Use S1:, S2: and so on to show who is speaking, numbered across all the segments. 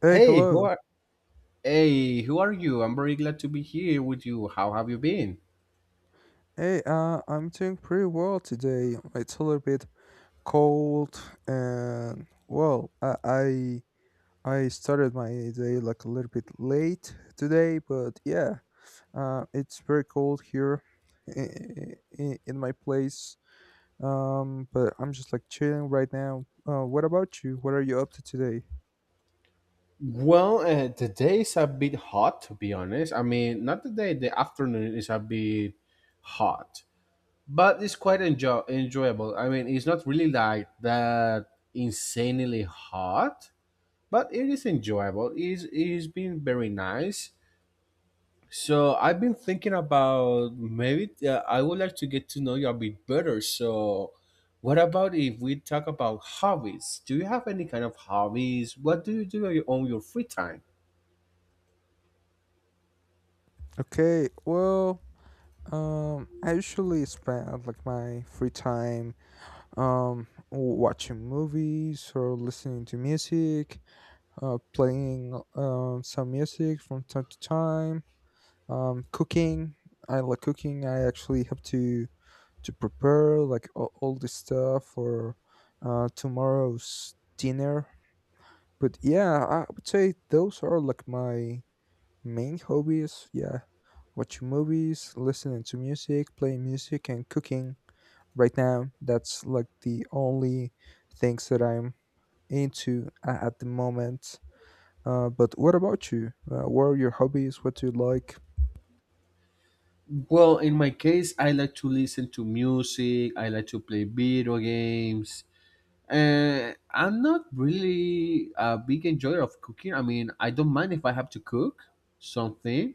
S1: Hey,
S2: Hey, who
S1: hello.
S2: are Hey, who are you? I'm very glad to be here with you. How have you been?
S1: Hey, I'm doing pretty well today. It's a little bit cold, and I started my day like a little bit late today, but yeah, it's very cold here in my place. But I'm just like chilling right now. What about you? What are you up to today?
S2: Well, the day is a bit hot, to be honest. I mean, not the day, the afternoon is a bit hot, but it's quite enjoyable. I mean, it's not really like that insanely hot, but it is enjoyable. It's been very nice. So I've been thinking about maybe, I would like to get to know you a bit better. So, what about if we talk about hobbies? Do you have any kind of hobbies? What do you do on your free time?
S1: Okay, I usually spend like my free time watching movies or listening to music, playing some music from time to time, cooking. I like cooking. I actually have to prepare like all this stuff for tomorrow's dinner. But yeah, I would say those are like my main hobbies, yeah. Watching movies, listening to music, playing music, and cooking. Right now, that's like the only things that I'm at the moment. But what about you? What are your hobbies? What do you like?
S2: Well, in my case, I like to listen to music. I like to play video games. I'm not really a big enjoyer of cooking. I mean, I don't mind if I have to cook something,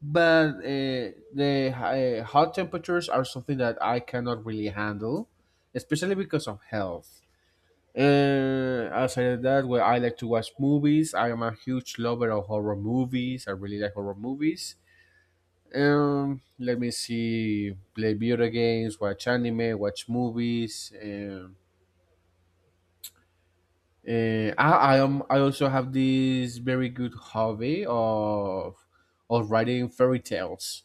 S2: but the hot temperatures are something that I cannot really handle, especially because of health. Outside of that, well, I like to watch movies. I am a huge lover of horror movies. I really like horror movies. Let me see, play video games, watch anime, watch movies. I also have this very good hobby of writing fairy tales.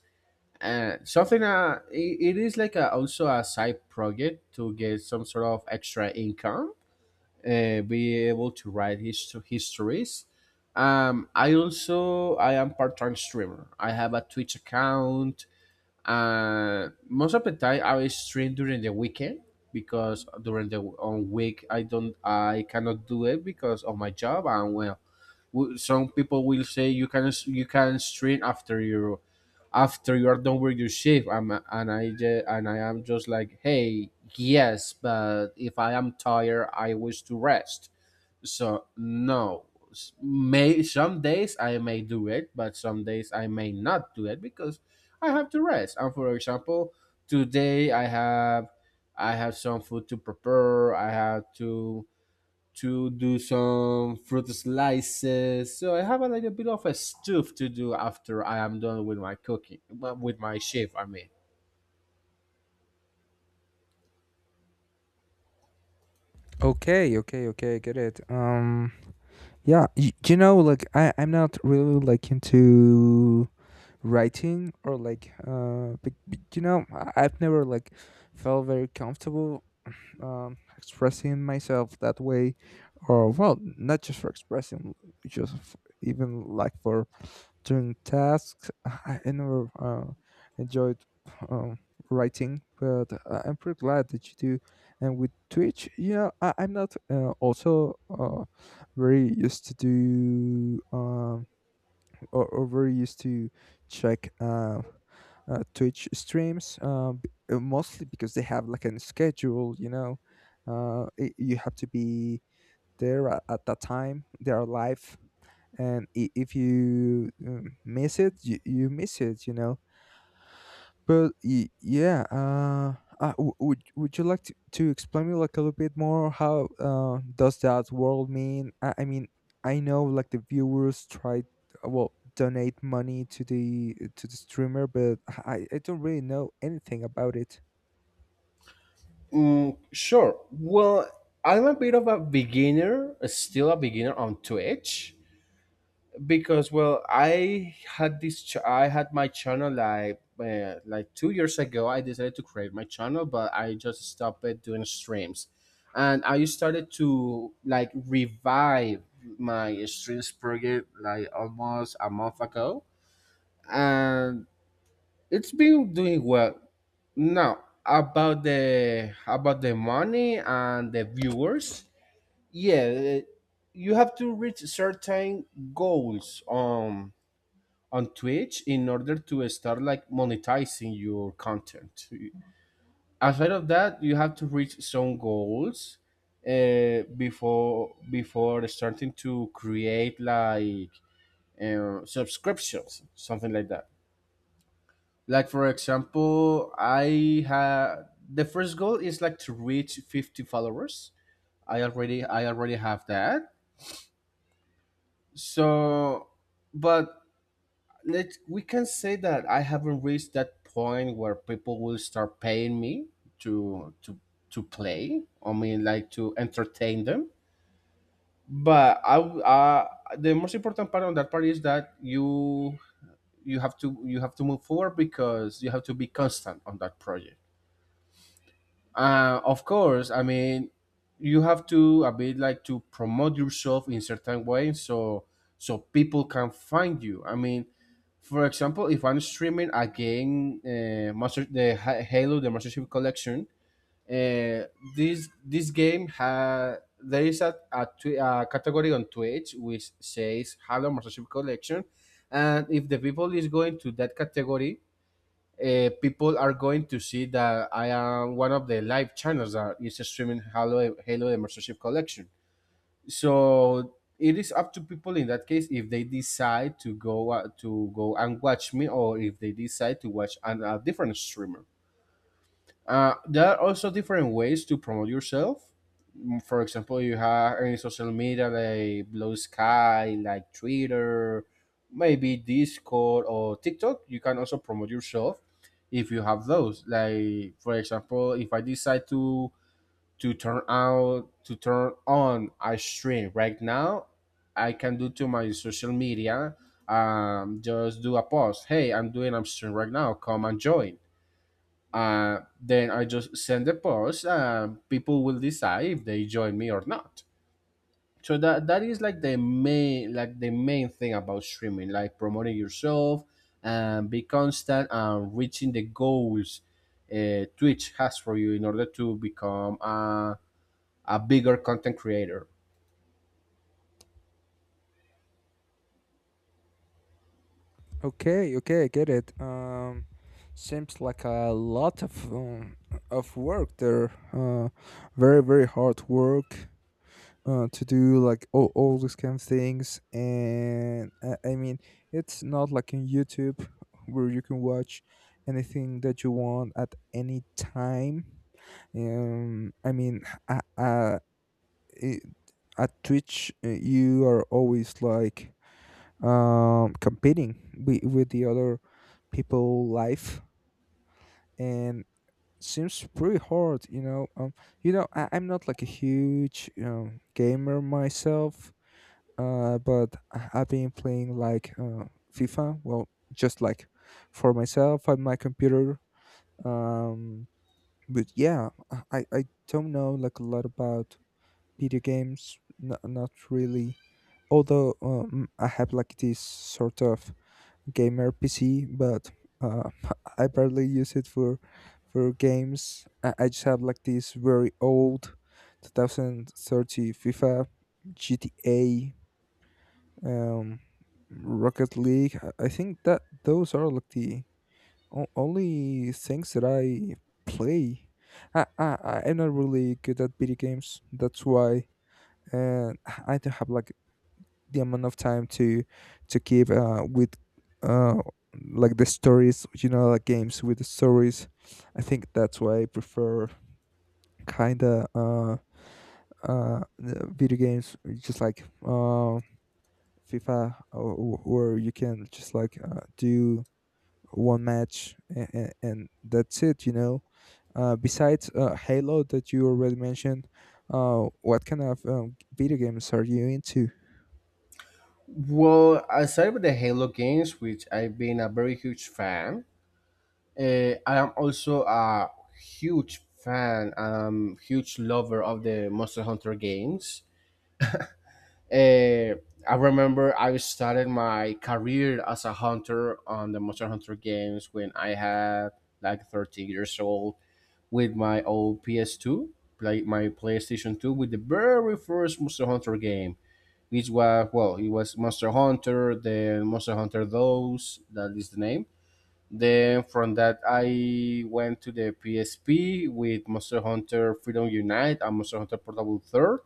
S2: Something, it is like also a side project to get some sort of extra income, be able to write his histories. I am part-time streamer. I have a Twitch account. Most of the time I will stream during the weekend, because during the on week I cannot do it because of my job. And, well, some people will say you can stream after your after you are done with your shift. I'm, and I ju- and I am just like, hey, yes, but if I am tired I wish to rest. So, no. May some days I may do it, but some days I may not do it, because I have to rest. And for example, today I have some food to prepare. I have to do some fruit slices. So I have a little bit of a stuff to do after I am done with my cooking, well, with my chef, I mean.
S1: Okay, okay, okay, I get it. Yeah, you know, like I'm not really like into writing or like you know, I- I've never like felt very comfortable expressing myself that way, or well, not just for expressing, just f even like for doing tasks. I never enjoyed um, writing, but I- I'm pretty glad that you do. And with Twitch, yeah, I'm not also very used to do. Or, over used to check Twitch streams, mostly because they have like a schedule. You know, I you have to be there at that time. They are live, and if you miss it, you miss it. You know, but yeah, would you like to explain me like a little bit more how does that world mean? I mean, I know like the viewers try well donate money to the streamer, but I don't really know anything about it.
S2: Mm, sure. Well, I'm a bit of a beginner, still a beginner on Twitch. Because, well, I had my channel like 2 years ago. I decided to create my channel, but I just stopped it doing streams, and I started to like revive my streams project like almost a month ago, and it's been doing well. Now, about the money and the viewers, yeah, you have to reach certain goals on Twitch in order to start like monetizing your content. Aside of that, you have to reach some goals, before starting to create, like, subscriptions, something like that. Like for example, I had the first goal is like to reach 50 followers. I already have that. So, but let we can say that I haven't reached that point where people will start paying me to to to play. I mean, like to entertain them. But the most important part on that part is that you have to move forward, because you have to be constant on that project. Of course, I mean, you have to a bit like to promote yourself in certain way, so people can find you. I mean, for example, if I'm streaming a game, Halo, the Master Chief Collection, uh, this this game ha there is a category on Twitch which says Halo Master Chief Collection, and if the people is going to that category, people are going to see that I am one of the live channels that is streaming Halo the Mastership Collection. So it is up to people in that case, if they decide to go and watch me, or if they decide to watch a different streamer. There are also different ways to promote yourself. For example, you have any social media like Blue Sky, like Twitter, maybe Discord or TikTok. You can also promote yourself if you have those. Like for example, if I decide to turn on a stream right now, I can do to my social media. Just do a post. Hey, I'm doing a stream right now. Come and join. Then I just send the post. People will decide if they join me or not. So that is like the main thing about streaming, like promoting yourself, and be constant and reaching the goals Twitch has for you in order to become a bigger content creator.
S1: Okay, okay, I get it. Seems like a lot of work there. Very very hard work to do like all these kind of things and I mean it's not like in YouTube where you can watch anything that you want at any time, I mean, uh, uh, it, at Twitch you are always like competing with the other people life and seems pretty hard, you know. You know, I'm not like a huge gamer myself, but I- I've been playing like FIFA. Well, just like for myself on my computer. Um, but yeah, I don't know like a lot about video games. Not really. Although I have like this sort of gamer PC, but uh, I barely use it for games. I just have like this very old 2030 FIFA, GTA, um, Rocket League. I think that those are like the o- only things that I play. I'm not really good at video games. That's why, and I don't have like the amount of time to keep with uh like the stories. You know, like games with the stories. I think that's why I prefer kinda uh, video games just like FIFA, you can just like do one match and, and that's it. You know. Besides Halo that you already mentioned, what kind of video games are you into?
S2: Well, aside with the Halo games, which I've been a very huge fan, I am also a huge fan, huge lover of the Monster Hunter games. Uh, I remember I started my career as a hunter on the Monster Hunter games when I had like 13 years old, with my old PS2, play my PlayStation 2 with the very first Monster Hunter game, which was, well, it was Monster Hunter, then Monster Hunter Those, that is the name. Then from that, I went to the PSP with Monster Hunter Freedom Unite and Monster Hunter Portable Third.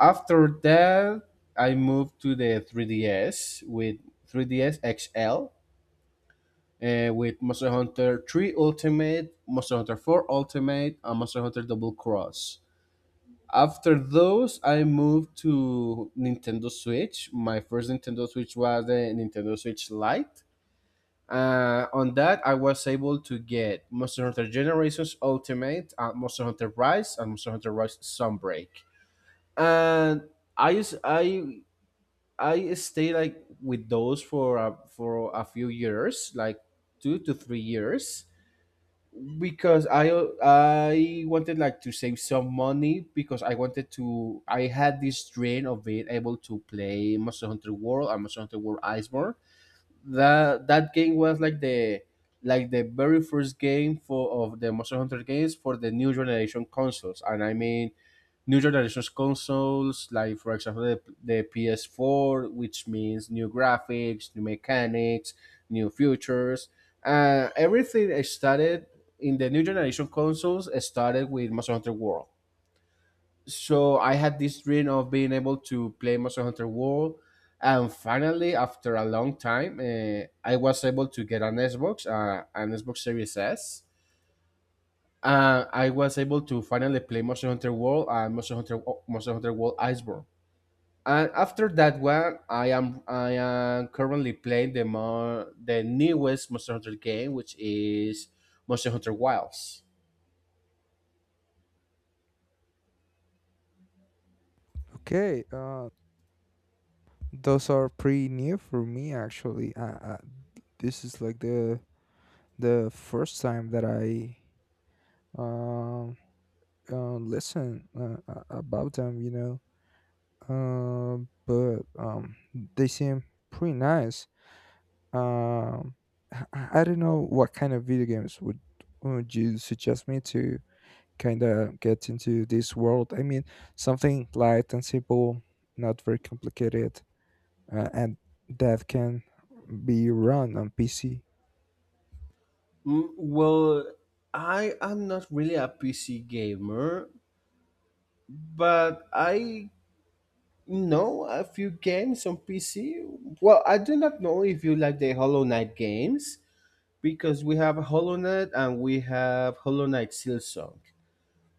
S2: After that, I moved to the 3DS with 3DS XL, with Monster Hunter 3 Ultimate, Monster Hunter 4 Ultimate, and Monster Hunter Double Cross. After those, I moved to Nintendo Switch. My first Nintendo Switch was the Nintendo Switch Lite. On that, I was able to get Monster Hunter Generations Ultimate, Monster Hunter Rise, and Monster Hunter Rise Sunbreak. And I s- I stayed like with those for for a few years, like 2 to 3 years, because I wanted like to save some money, because I wanted to I had this dream of being able to play Monster Hunter World and Monster Hunter World Iceborne. That game was like the very first game for of the Monster Hunter games for the new generation consoles, and I mean, new generation consoles, like for example the PS4, which means new graphics, new mechanics, new features. Everything started in the new generation consoles. Started with Monster Hunter World, so I had this dream of being able to play Monster Hunter World, and finally, after a long time, I was able to get an Xbox Series S. I was able to finally play Monster Hunter World and Monster Hunter World Iceborne. And after that one, I am currently playing the more the newest Monster Hunter game, which is Monster Hunter Wilds.
S1: Okay, those are pretty new for me actually. This is like the first time that I um listen about them, you know. But they seem pretty nice. Um, I don't know what kind of video games would you suggest me to kind of get into this world? I mean, something light and simple, not very complicated, and that can be run on PC.
S2: Mm. Well, I am not really a PC gamer, but I know a few games on PC. Well, I do not know if you like the Hollow Knight games, because we have Hollow Knight and we have Hollow Knight Silksong.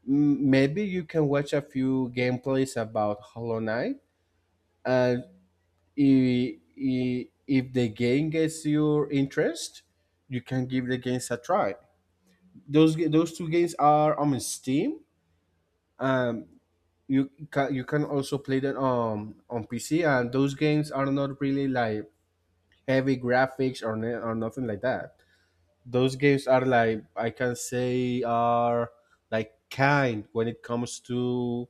S2: Maybe you can watch a few gameplays about Hollow Knight, and if the game gets your interest, you can give the games a try. Those two games are on Steam. Um, you can also play that on PC, and those games are not really like heavy graphics, or or nothing like that. Those games are, like, I can say are like kind when it comes to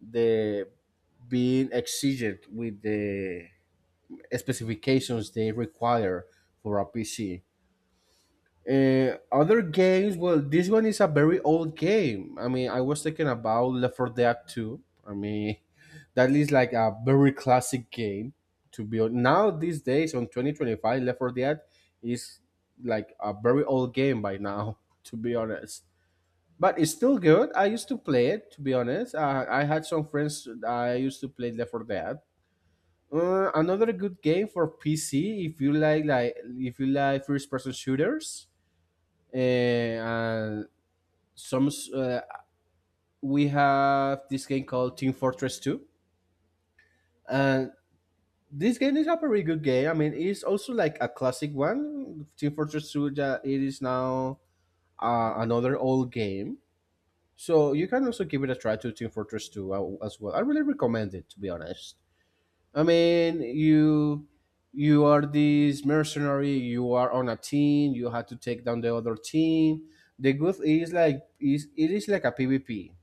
S2: the being exigent with the specifications they require for a PC. Other games, well, this one is a very old game. I mean, I was thinking about Left 4 Dead 2. I mean, that is like a very classic game to be on. Now, these days, on 2025, Left 4 Dead is like a very old game by now, to be honest. But it's still good. I used to play it, to be honest. I had some friends I used to play Left 4 Dead. Another good game for PC, if you like first person shooters. And some uh, we have this game called Team Fortress Two, and this game is a very good game. I mean, it's also like a classic one. Team Fortress Two, that it is now, another old game, so you can also give it a try to Team Fortress Two, as well. I really recommend it, to be honest. I mean, you are this mercenary, you are on a team, you have to take down the other team. The good is like, is it is like a PvP.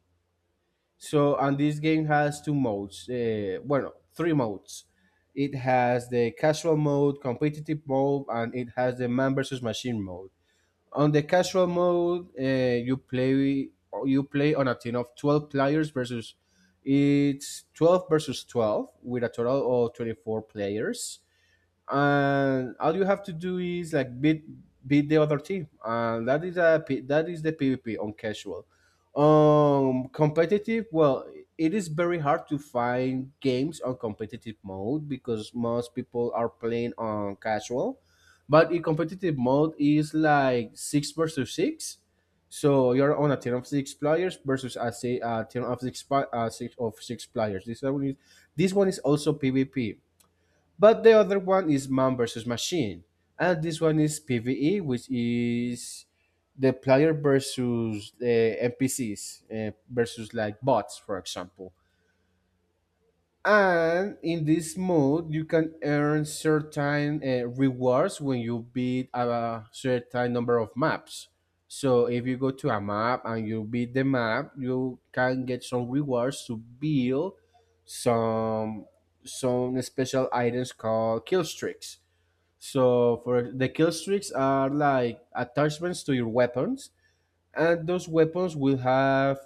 S2: So, and this game has two modes. Bueno, three modes. It has the casual mode, competitive mode, and it has the man versus machine mode. On the casual mode, you play you play on a team of 12 players versus it's 12 versus 12 with a total of 24 players, and all you have to do is like beat the other team, and that is a that is the pvp on casual. Um, competitive, well, it is very hard to find games on competitive mode because most people are playing on casual, but in competitive mode is like 6 versus 6. So you're on a team of 6 players versus a, say, a team of 6, 6 of 6 players. This one is also pvp, but the other one is man versus machine, and this one is PVE, which is the player versus the NPCs, versus like bots, for example. And in this mode, you can earn certain rewards when you beat a certain number of maps. So if you go to a map and you beat the map, you can get some rewards to build some some special items called kill streaks. So for the kill streaks are like attachments to your weapons, and those weapons will have,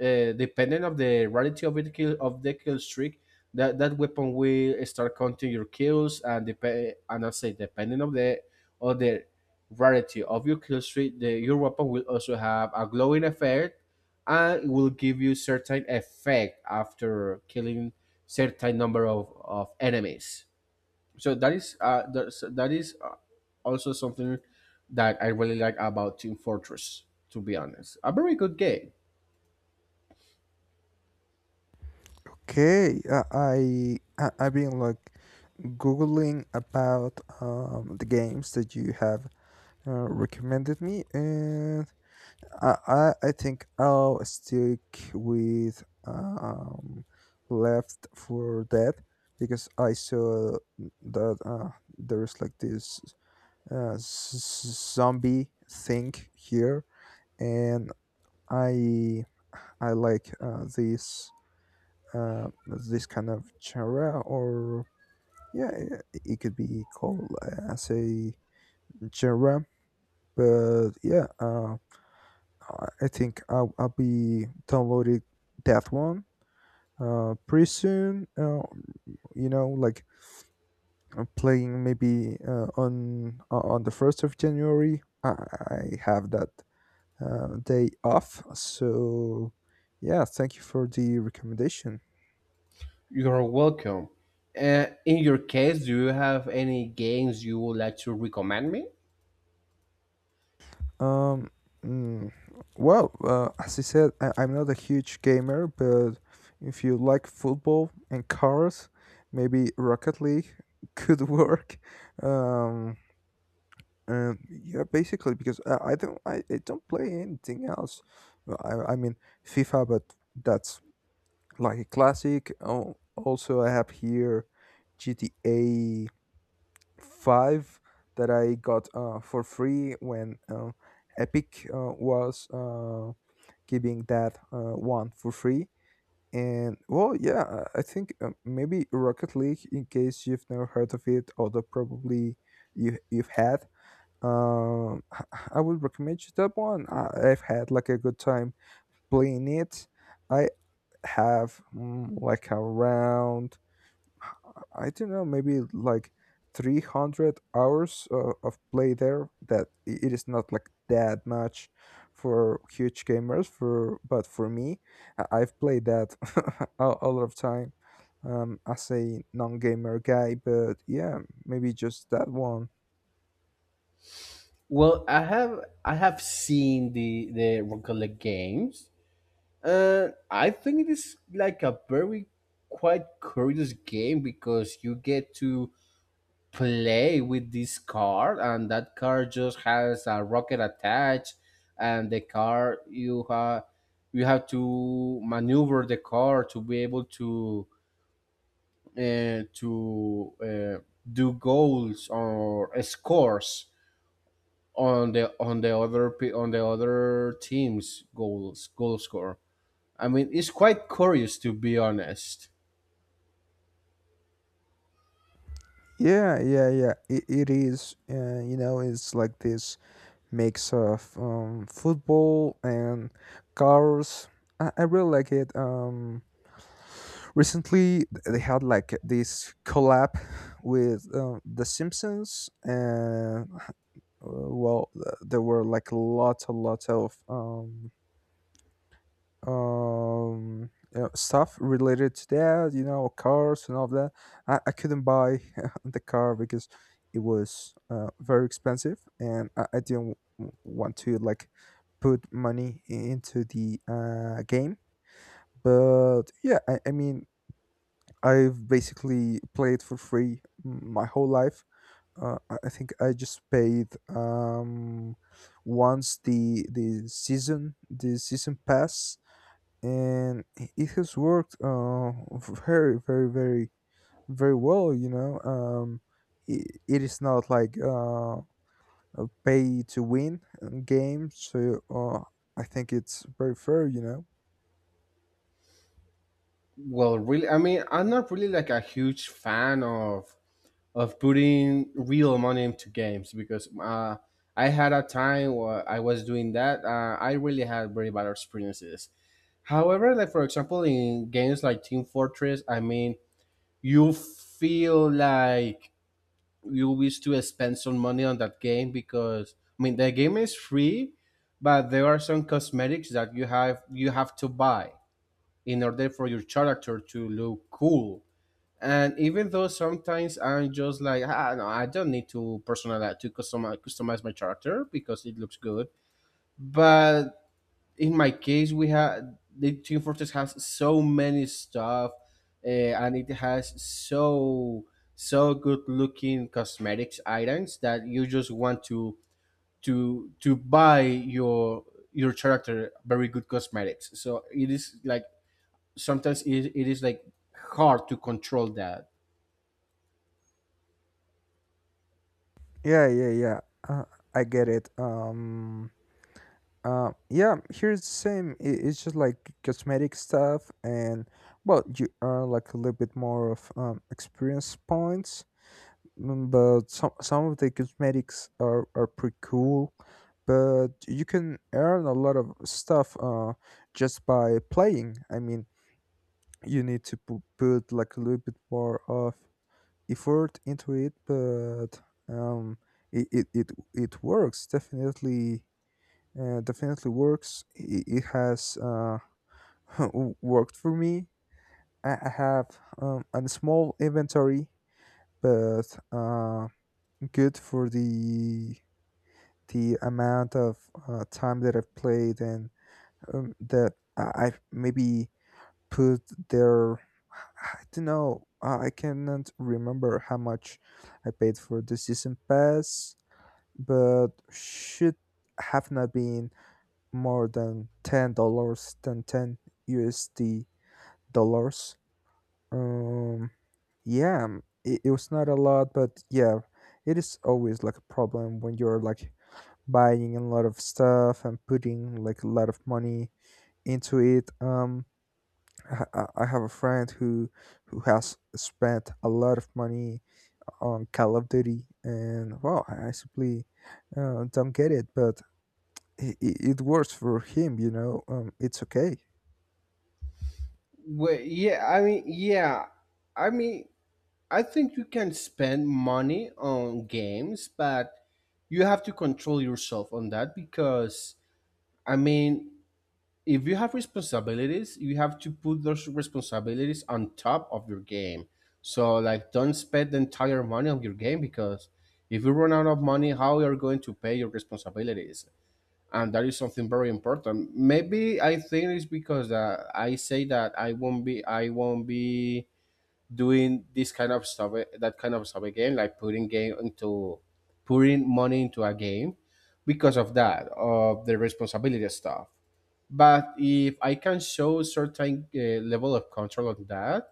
S2: depending of the rarity of it kill of the kill streak, that weapon will start counting your kills, and depend and I say depending of the of the rarity of your kill streak, the, your weapon will also have a glowing effect, and it will give you certain effect after killing certain number of enemies. So that is also something that I really like about team fortress, to be honest, a very good game.
S1: Okay, I've been like googling about the games that you have recommended me, and I think I'll stick with Left for Dead because I saw that there's like this zombie thing here, and I I like this this kind of genre or yeah it could be called as a genre, but yeah, I think I'll be downloading that one pretty soon. You know, like playing maybe on the January 1st. I have that day off, so yeah. Thank you for the recommendation.
S2: You're welcome. In your case, do you have any games you would like to recommend me?
S1: Um, mm, well, as I said, I'm not a huge gamer, but if you like football and cars, maybe Rocket League could work. Um, and yeah, basically because I don't play anything else. I mean FIFA, but that's like a classic. Oh, also I have here GTA five that I got for free when Epic was giving that one for free. And well, yeah, I think maybe Rocket League, in case you've never heard of it, although probably you you've had. Um, I would recommend you that one. I've had like a good time playing it. I have like around I don't know, maybe like 300 hours of play there. That it is not like that much for huge gamers. For But for me, I- I've played that a lot of time as a non-gamer guy. But yeah, maybe just that one.
S2: Well, I have seen the regular games, and I think it is like a very, quite curious game because you get to play with this car, and that car just has a rocket attached, and the car you have to maneuver the car to be able to uh, to uh, do goals or scores on the on the other team's goal score. I mean, it's quite curious, to be honest.
S1: Yeah, yeah, yeah. It is. You know, it's like this mix of football and cars. I really like it. Recently they had like this collab with the Simpsons and well there were like a lot of you know, stuff related to that, you know, cars and all that. I couldn't buy the car because it was very expensive and I didn't want to like put money into the game, but yeah, I mean I've basically played for free my whole life. I think I just paid once the the season pass, and it has worked very very very very well. You know, it, it is not like a pay to win game, so I think it's very fair. You know.
S2: Well, really, I mean, I'm not really like a huge fan of putting real money into games, because I had a time where I was doing that. I really had very bad experiences. However, like for example, in games like Team Fortress, I mean, you feel like you wish to spend some money on that game, because I mean the game is free, but there are some cosmetics that you have to buy in order for your character to look cool. And even though sometimes I'm just like, ah, no, I don't need to personalize to customize my character because it looks good. But in my case, we have the Team Fortress has so many stuff, and it has so good looking cosmetics items that you just want to buy your character very good cosmetics. So it is like sometimes it is like hard to control that.
S1: Yeah, yeah, yeah. Uh, I get it. Yeah, here's the same. I- It's just like cosmetic stuff, and well, you earn like a little bit more of experience points. But some of the cosmetics are pretty cool. But you can earn a lot of stuff just by playing. I mean, you need to put like a little bit more of effort into it, but um, it works definitely definitely works. I- It has worked for me. I have a small inventory, but good for the amount of time that I've played and that I've maybe put there. I don't know. I cannot remember how much I paid for the season pass, but should have not been more than $10, than ten USD dollars. Um, yeah, it, it was not a lot, but yeah, it is always like a problem when you're like buying a lot of stuff and putting like a lot of money into it. I, ha- I have a friend who has spent a lot of money on Call of Duty, and wow, I simply don't get it, but it works for him, you know. It's okay.
S2: Well, yeah, I mean, I think you can spend money on games, but you have to control yourself on that, because, I mean, if you have responsibilities, you have to put those responsibilities on top of your game. So, like, don't spend the entire money on your game, because if you run out of money, how you're going to pay your responsibilities? And that is something very important. Maybe I think it's because I say that I won't be doing this kind of stuff, that kind of stuff again, like putting money into a game because of that, of the responsibility stuff. But if I can show certain level of control on that,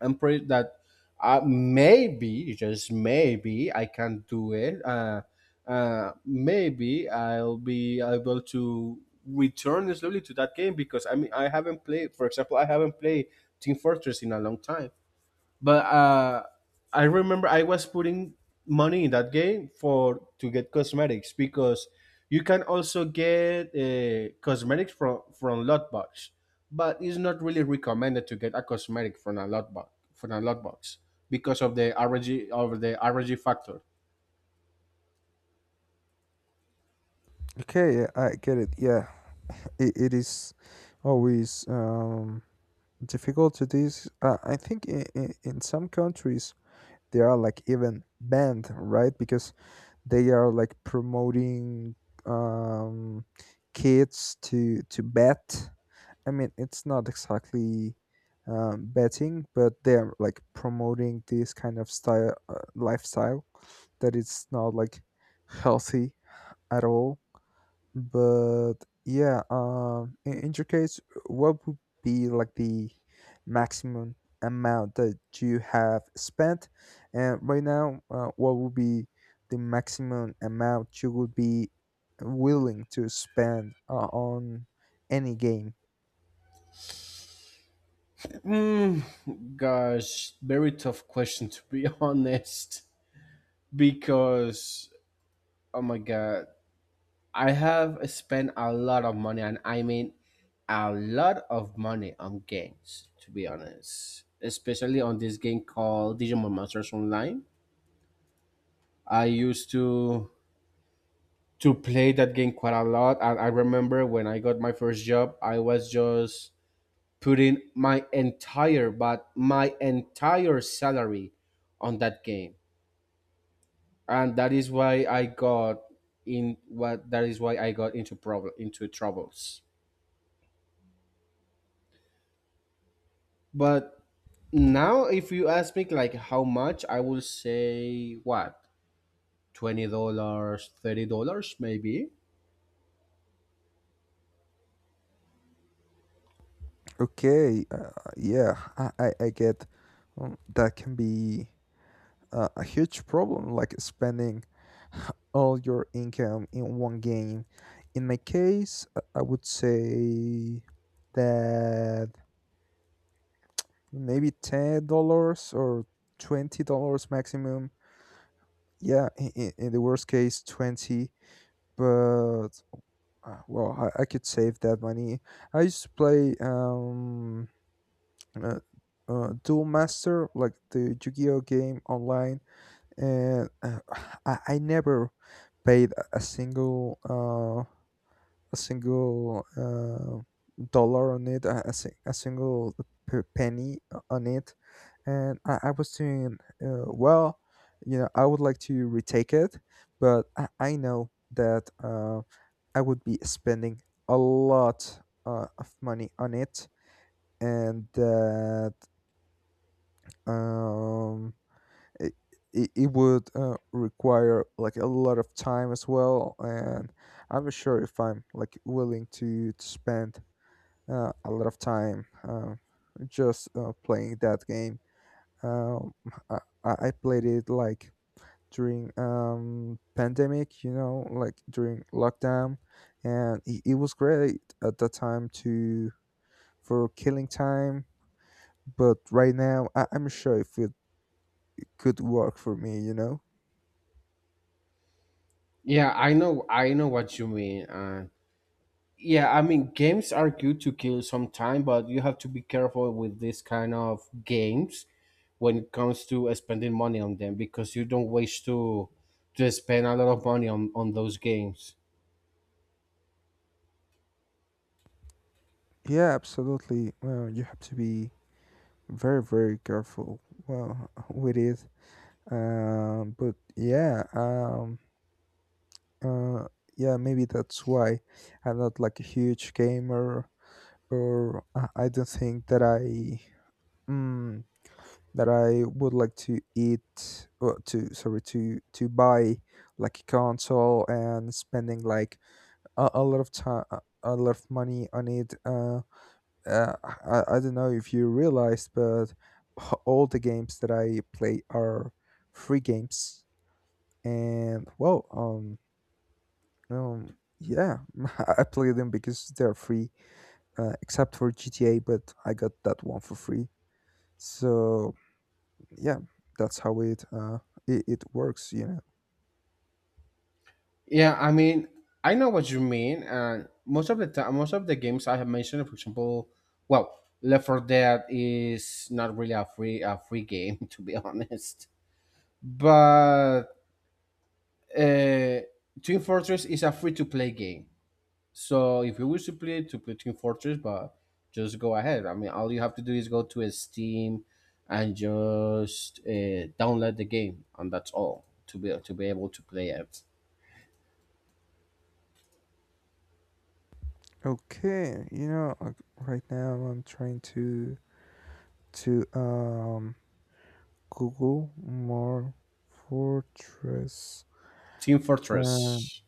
S2: I'm pretty that maybe, just maybe, I can do it. Maybe I'll be able to return slowly to that game, because I mean I haven't played. For example, I haven't played Team Fortress in a long time, but I remember I was putting money in that game for to get cosmetics, because you can also get cosmetics from lot box, but it's not really recommended to get a cosmetic from a lot box because of the R G factor.
S1: Okay, yeah, I get it. Yeah, it is always difficult to this. I think in some countries they are like even banned, right? Because they are like promoting um, kids to bet. I mean, it's not exactly betting, but they're like promoting this kind of style lifestyle that it's not like healthy at all, but yeah, in your case, what would be like the maximum amount that you have spent, and right now what would be the maximum amount you would be willing to spend on any game?
S2: Mm, gosh, very tough question, to be honest, because oh my god, I have spent a lot of money, and I mean a lot of money on games, to be honest. Especially on this game called Digimon Monsters Online. I used to play that game quite a lot, and I remember when I got my first job, I was just putting my entire, but my entire salary on that game, and that is why I got in what that is why I got into problem into troubles. But now, if you ask me like how much, I will say what, $20, $30, maybe.
S1: Okay, yeah, I get that can be a huge problem, like spending all your income in one game. In my case, I would say that maybe $10 or $20 maximum. Yeah, in the worst case, twenty. But well, I could save that money. I used to play uh, Duel Master, like the Yu-Gi-Oh game online, and I never paid a single a single dollar on it, a single penny on it, and I was doing well. You know, I would like to retake it, but I know that I would be spending a lot of money on it, and that um, it, it would require like a lot of time as well, and I'm not sure if I'm like willing to spend a lot of time just playing that game. Um, I, I played it like during pandemic, you know, like during lockdown, and it was great at that time to for killing time. But right now, I'm sure if it could work for me, you know.
S2: Yeah, I know what you mean. Yeah, I mean games are good to kill some time, but you have to be careful with this kind of games when it comes to spending money on them, because you don't wish to spend a lot of money on those games.
S1: Yeah, absolutely. Well, you have to be very, very careful. Well, with it. But yeah. Uh, yeah, maybe that's why I'm not like a huge gamer, or I don't think that I mm, that I would like to eat or to sorry to buy like a console and spending like a lot of time a lot of money on it. Uh, I don't know if you realized, but all the games that I play are free games, and well, Um, yeah, I play them because they're free, except for GTA, but I got that one for free. So yeah, that's how it works, you know.
S2: Yeah, I mean, I know what you mean, and most of the time, most of the games I have mentioned, for example, well, Left 4 Dead is not really a free game to be honest. But uh, Team Fortress is a free to play game. So if you wish to play Team Fortress, but just go ahead. I mean, all you have to do is go to Steam and just download the game, and that's all to be able to play it.
S1: Okay, you know, like, right now I'm trying to to um Google more fortress.
S2: Team
S1: Um,
S2: Fortress.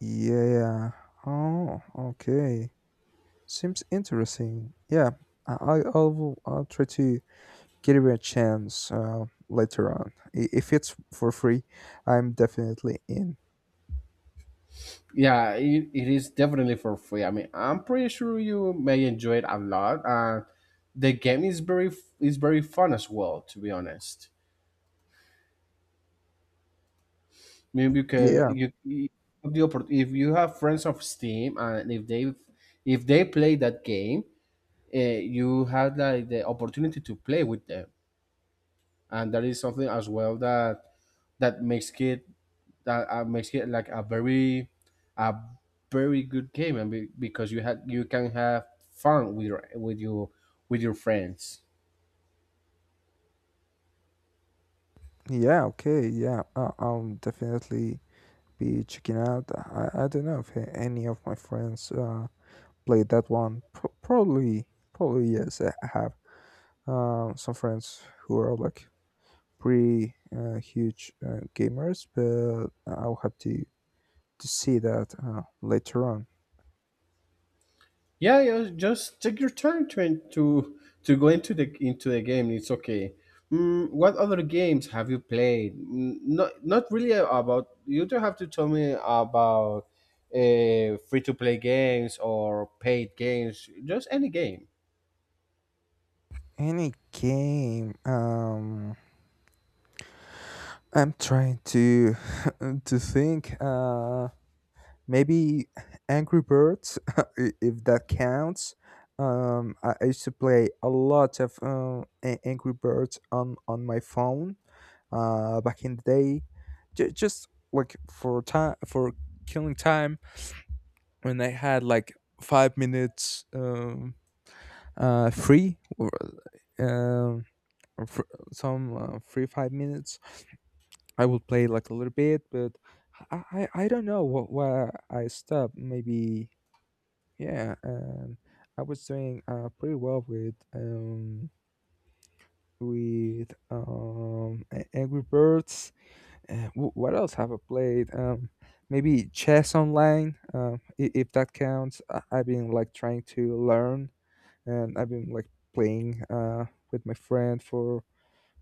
S1: yeah. Oh, okay. Seems interesting. Yeah, I'll I'll try to give it a chance later on. I- If it's for free, I'm definitely in.
S2: Yeah, it is definitely for free. I mean, I'm pretty sure you may enjoy it a lot. The game is very is very fun as well, to be honest. Maybe you can
S1: Yeah,
S2: you you- have the if you have friends of steam, and if they play that game, you had like the opportunity to play with them. And that is something as well that that makes it makes it like a very, a very good game, and because you can have fun with your with your friends.
S1: yeah, okay, yeah. I'll definitely be checking out. I don't know if any of my friends played that one. Probably, probably yes. I have some friends who are like pretty huge gamers, but I'll have to see that later on.
S2: Yeah, yeah. Just take your time to to go into the game, it's okay. Mm, what other games have you played? Mm, not really about, you don't have to tell me about free to play games or paid games, just any game.
S1: Any game. I'm trying to to think. Maybe Angry Birds, if that counts. I used to play a lot of Angry Birds on my phone. Back in the day, just like for time for killing time when I had like 5 minutes free um or fr- some free 5 minutes I will play like a little bit, but I don't know what why I stopped. Maybe yeah, and I was doing pretty well with Angry Birds. What else have I played? Maybe chess online. If that counts, I- I've been like trying to learn, and I've been like playing with my friend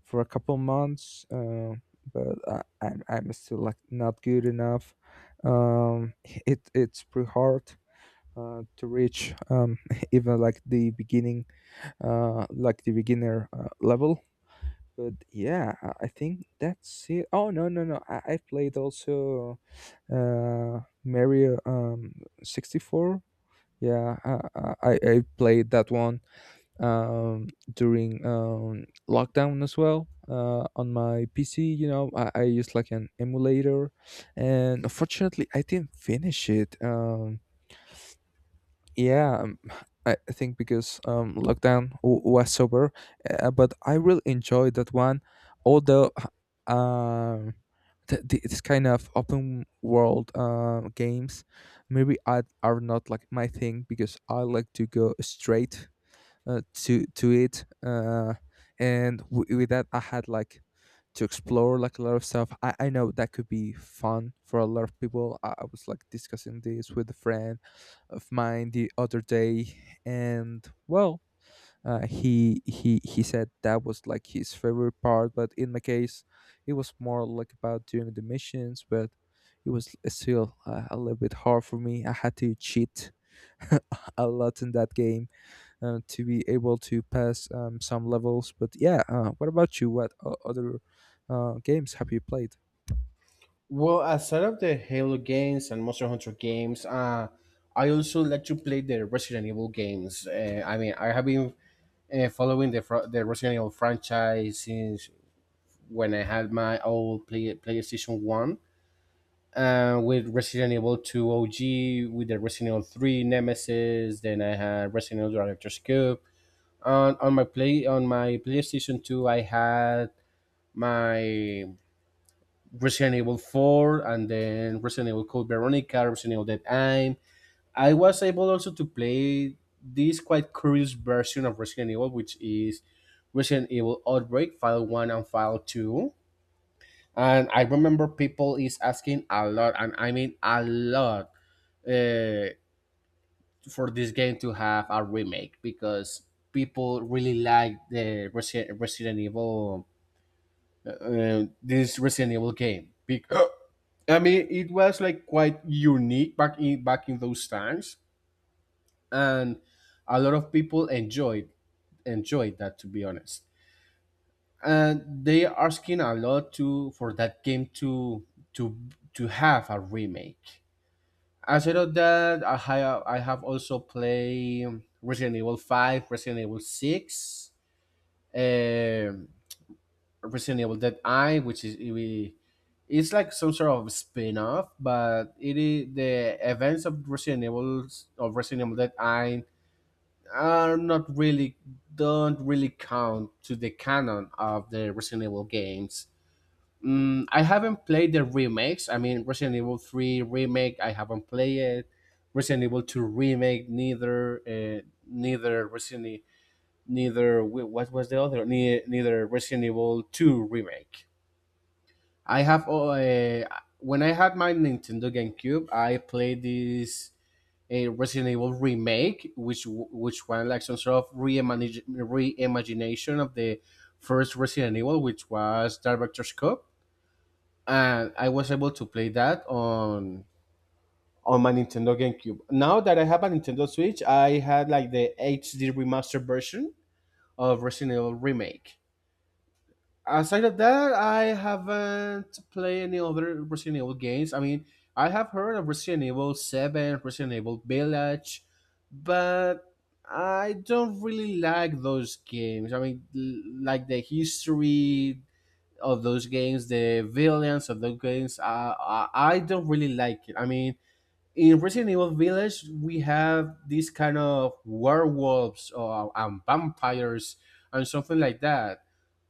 S1: for a couple months, but I'm still like not good enough. It it's pretty hard to reach even like the beginning, like the beginner level. But yeah, I think that's it. Oh no no no! I played also Mario 64. Yeah, I played that one during lockdown as well on my PC. You know, I used like an emulator, and unfortunately, I didn't finish it. Yeah, I think because lockdown was over, but I really enjoyed that one. Although, um, this kind of open world games maybe I are not like my thing because I like to go straight to it and with that I had like to explore like a lot of stuff I know that could be fun for a lot of people. I was like discussing this with a friend of mine the other day, and well, he said that was like his favorite part, but in my case it was more like about doing the missions, but it was still a little bit hard for me. I had to cheat a lot in that game to be able to pass some levels. But yeah, what about you? What other games have you played?
S2: Well, aside of the Halo games and Monster Hunter games, I also like to play the Resident Evil games. I mean, I have been following the Resident Evil franchise since when I had my old PlayStation One. With Resident Evil 2 OG, with the Resident Evil 3 Nemesis, then I had Resident Evil Director's Cube. On my PlayStation 2, I had my Resident Evil 4, and then Resident Evil Code Veronica, Resident Evil Dead Aim. I was able also to play this quite curious version of Resident Evil, which is Resident Evil Outbreak, File 1 and File 2. And I remember people is asking a lot, and I mean a lot, uh, for this game to have a remake, because people really like the Resident Evil, this Resident Evil game. Because. I mean, it was like quite unique back in back in those times, and a lot of people enjoyed that, to be honest. And they are asking a lot to for that game to to have a remake. Aside of that, I have also played Resident Evil Five, Resident Evil Six. Um Resident Evil Dead Eye, which is it's like some sort of spin-off, but it is the events of Resident Evil Dead Eye are not really, don't really count to the canon of the Resident Evil games. Mm, I haven't played the remakes. I mean, Resident Evil Three remake, I haven't played it. Resident Evil Two remake, neither, neither Resident, E, neither what was the other, ne- neither Resident Evil Two remake. I have when I had my Nintendo GameCube, I played this, a Resident Evil remake, which was like some sort of reimagination of the first Resident Evil, which was Director's Cut, and I was able to play that on my Nintendo GameCube. Now that I have a Nintendo Switch, I had like the HD remastered version of Resident Evil remake. Aside of that, I haven't played any other Resident Evil games. I mean, I have heard of Resident Evil Seven, Resident Evil Village, but I don't really like those games. I mean, like the history of those games, the villains of those games. I don't really like it. I mean, in Resident Evil Village, we have these kind of werewolves, and vampires and something like that.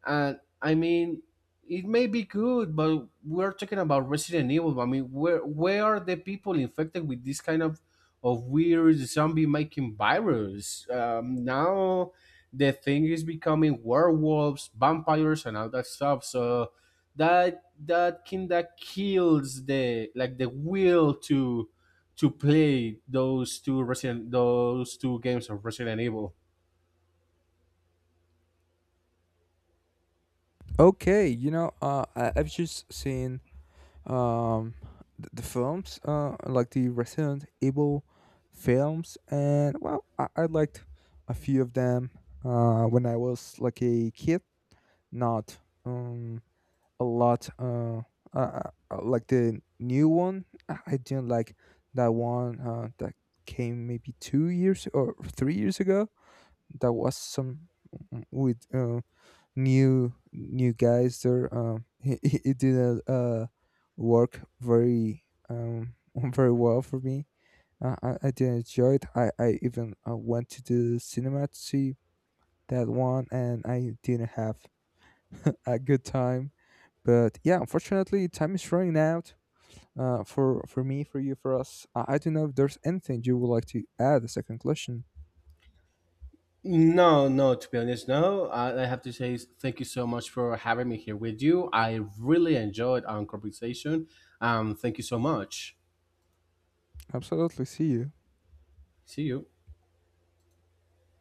S2: And I mean, it may be good, but we're talking about Resident Evil. I mean, where are the people infected with this kind of weird zombie making virus? Now the thing is becoming werewolves, vampires, and all that stuff. So that kinda kills the like the will to play those two Resident those two games of Resident Evil.
S1: Okay, you know, I've just seen um, the films, like the Resident Evil films, and well, I liked a few of them when I was like a kid. Not um, a lot. Like the new one, I didn't like that one that came maybe 2 years or 3 years ago. That was some with new guys there. It didn't work very um, very well for me. I didn't enjoy it. I even went to the cinema to see that one, and I didn't have a good time. But yeah, unfortunately, time is running out. For me, for you, for us. I don't know if there's anything you would like to add as a conclusion.
S2: No, no, to be honest, no. I have to say thank you so much for having me here with you. I really enjoyed our conversation. Thank you so much.
S1: Absolutely. See you.
S2: See you.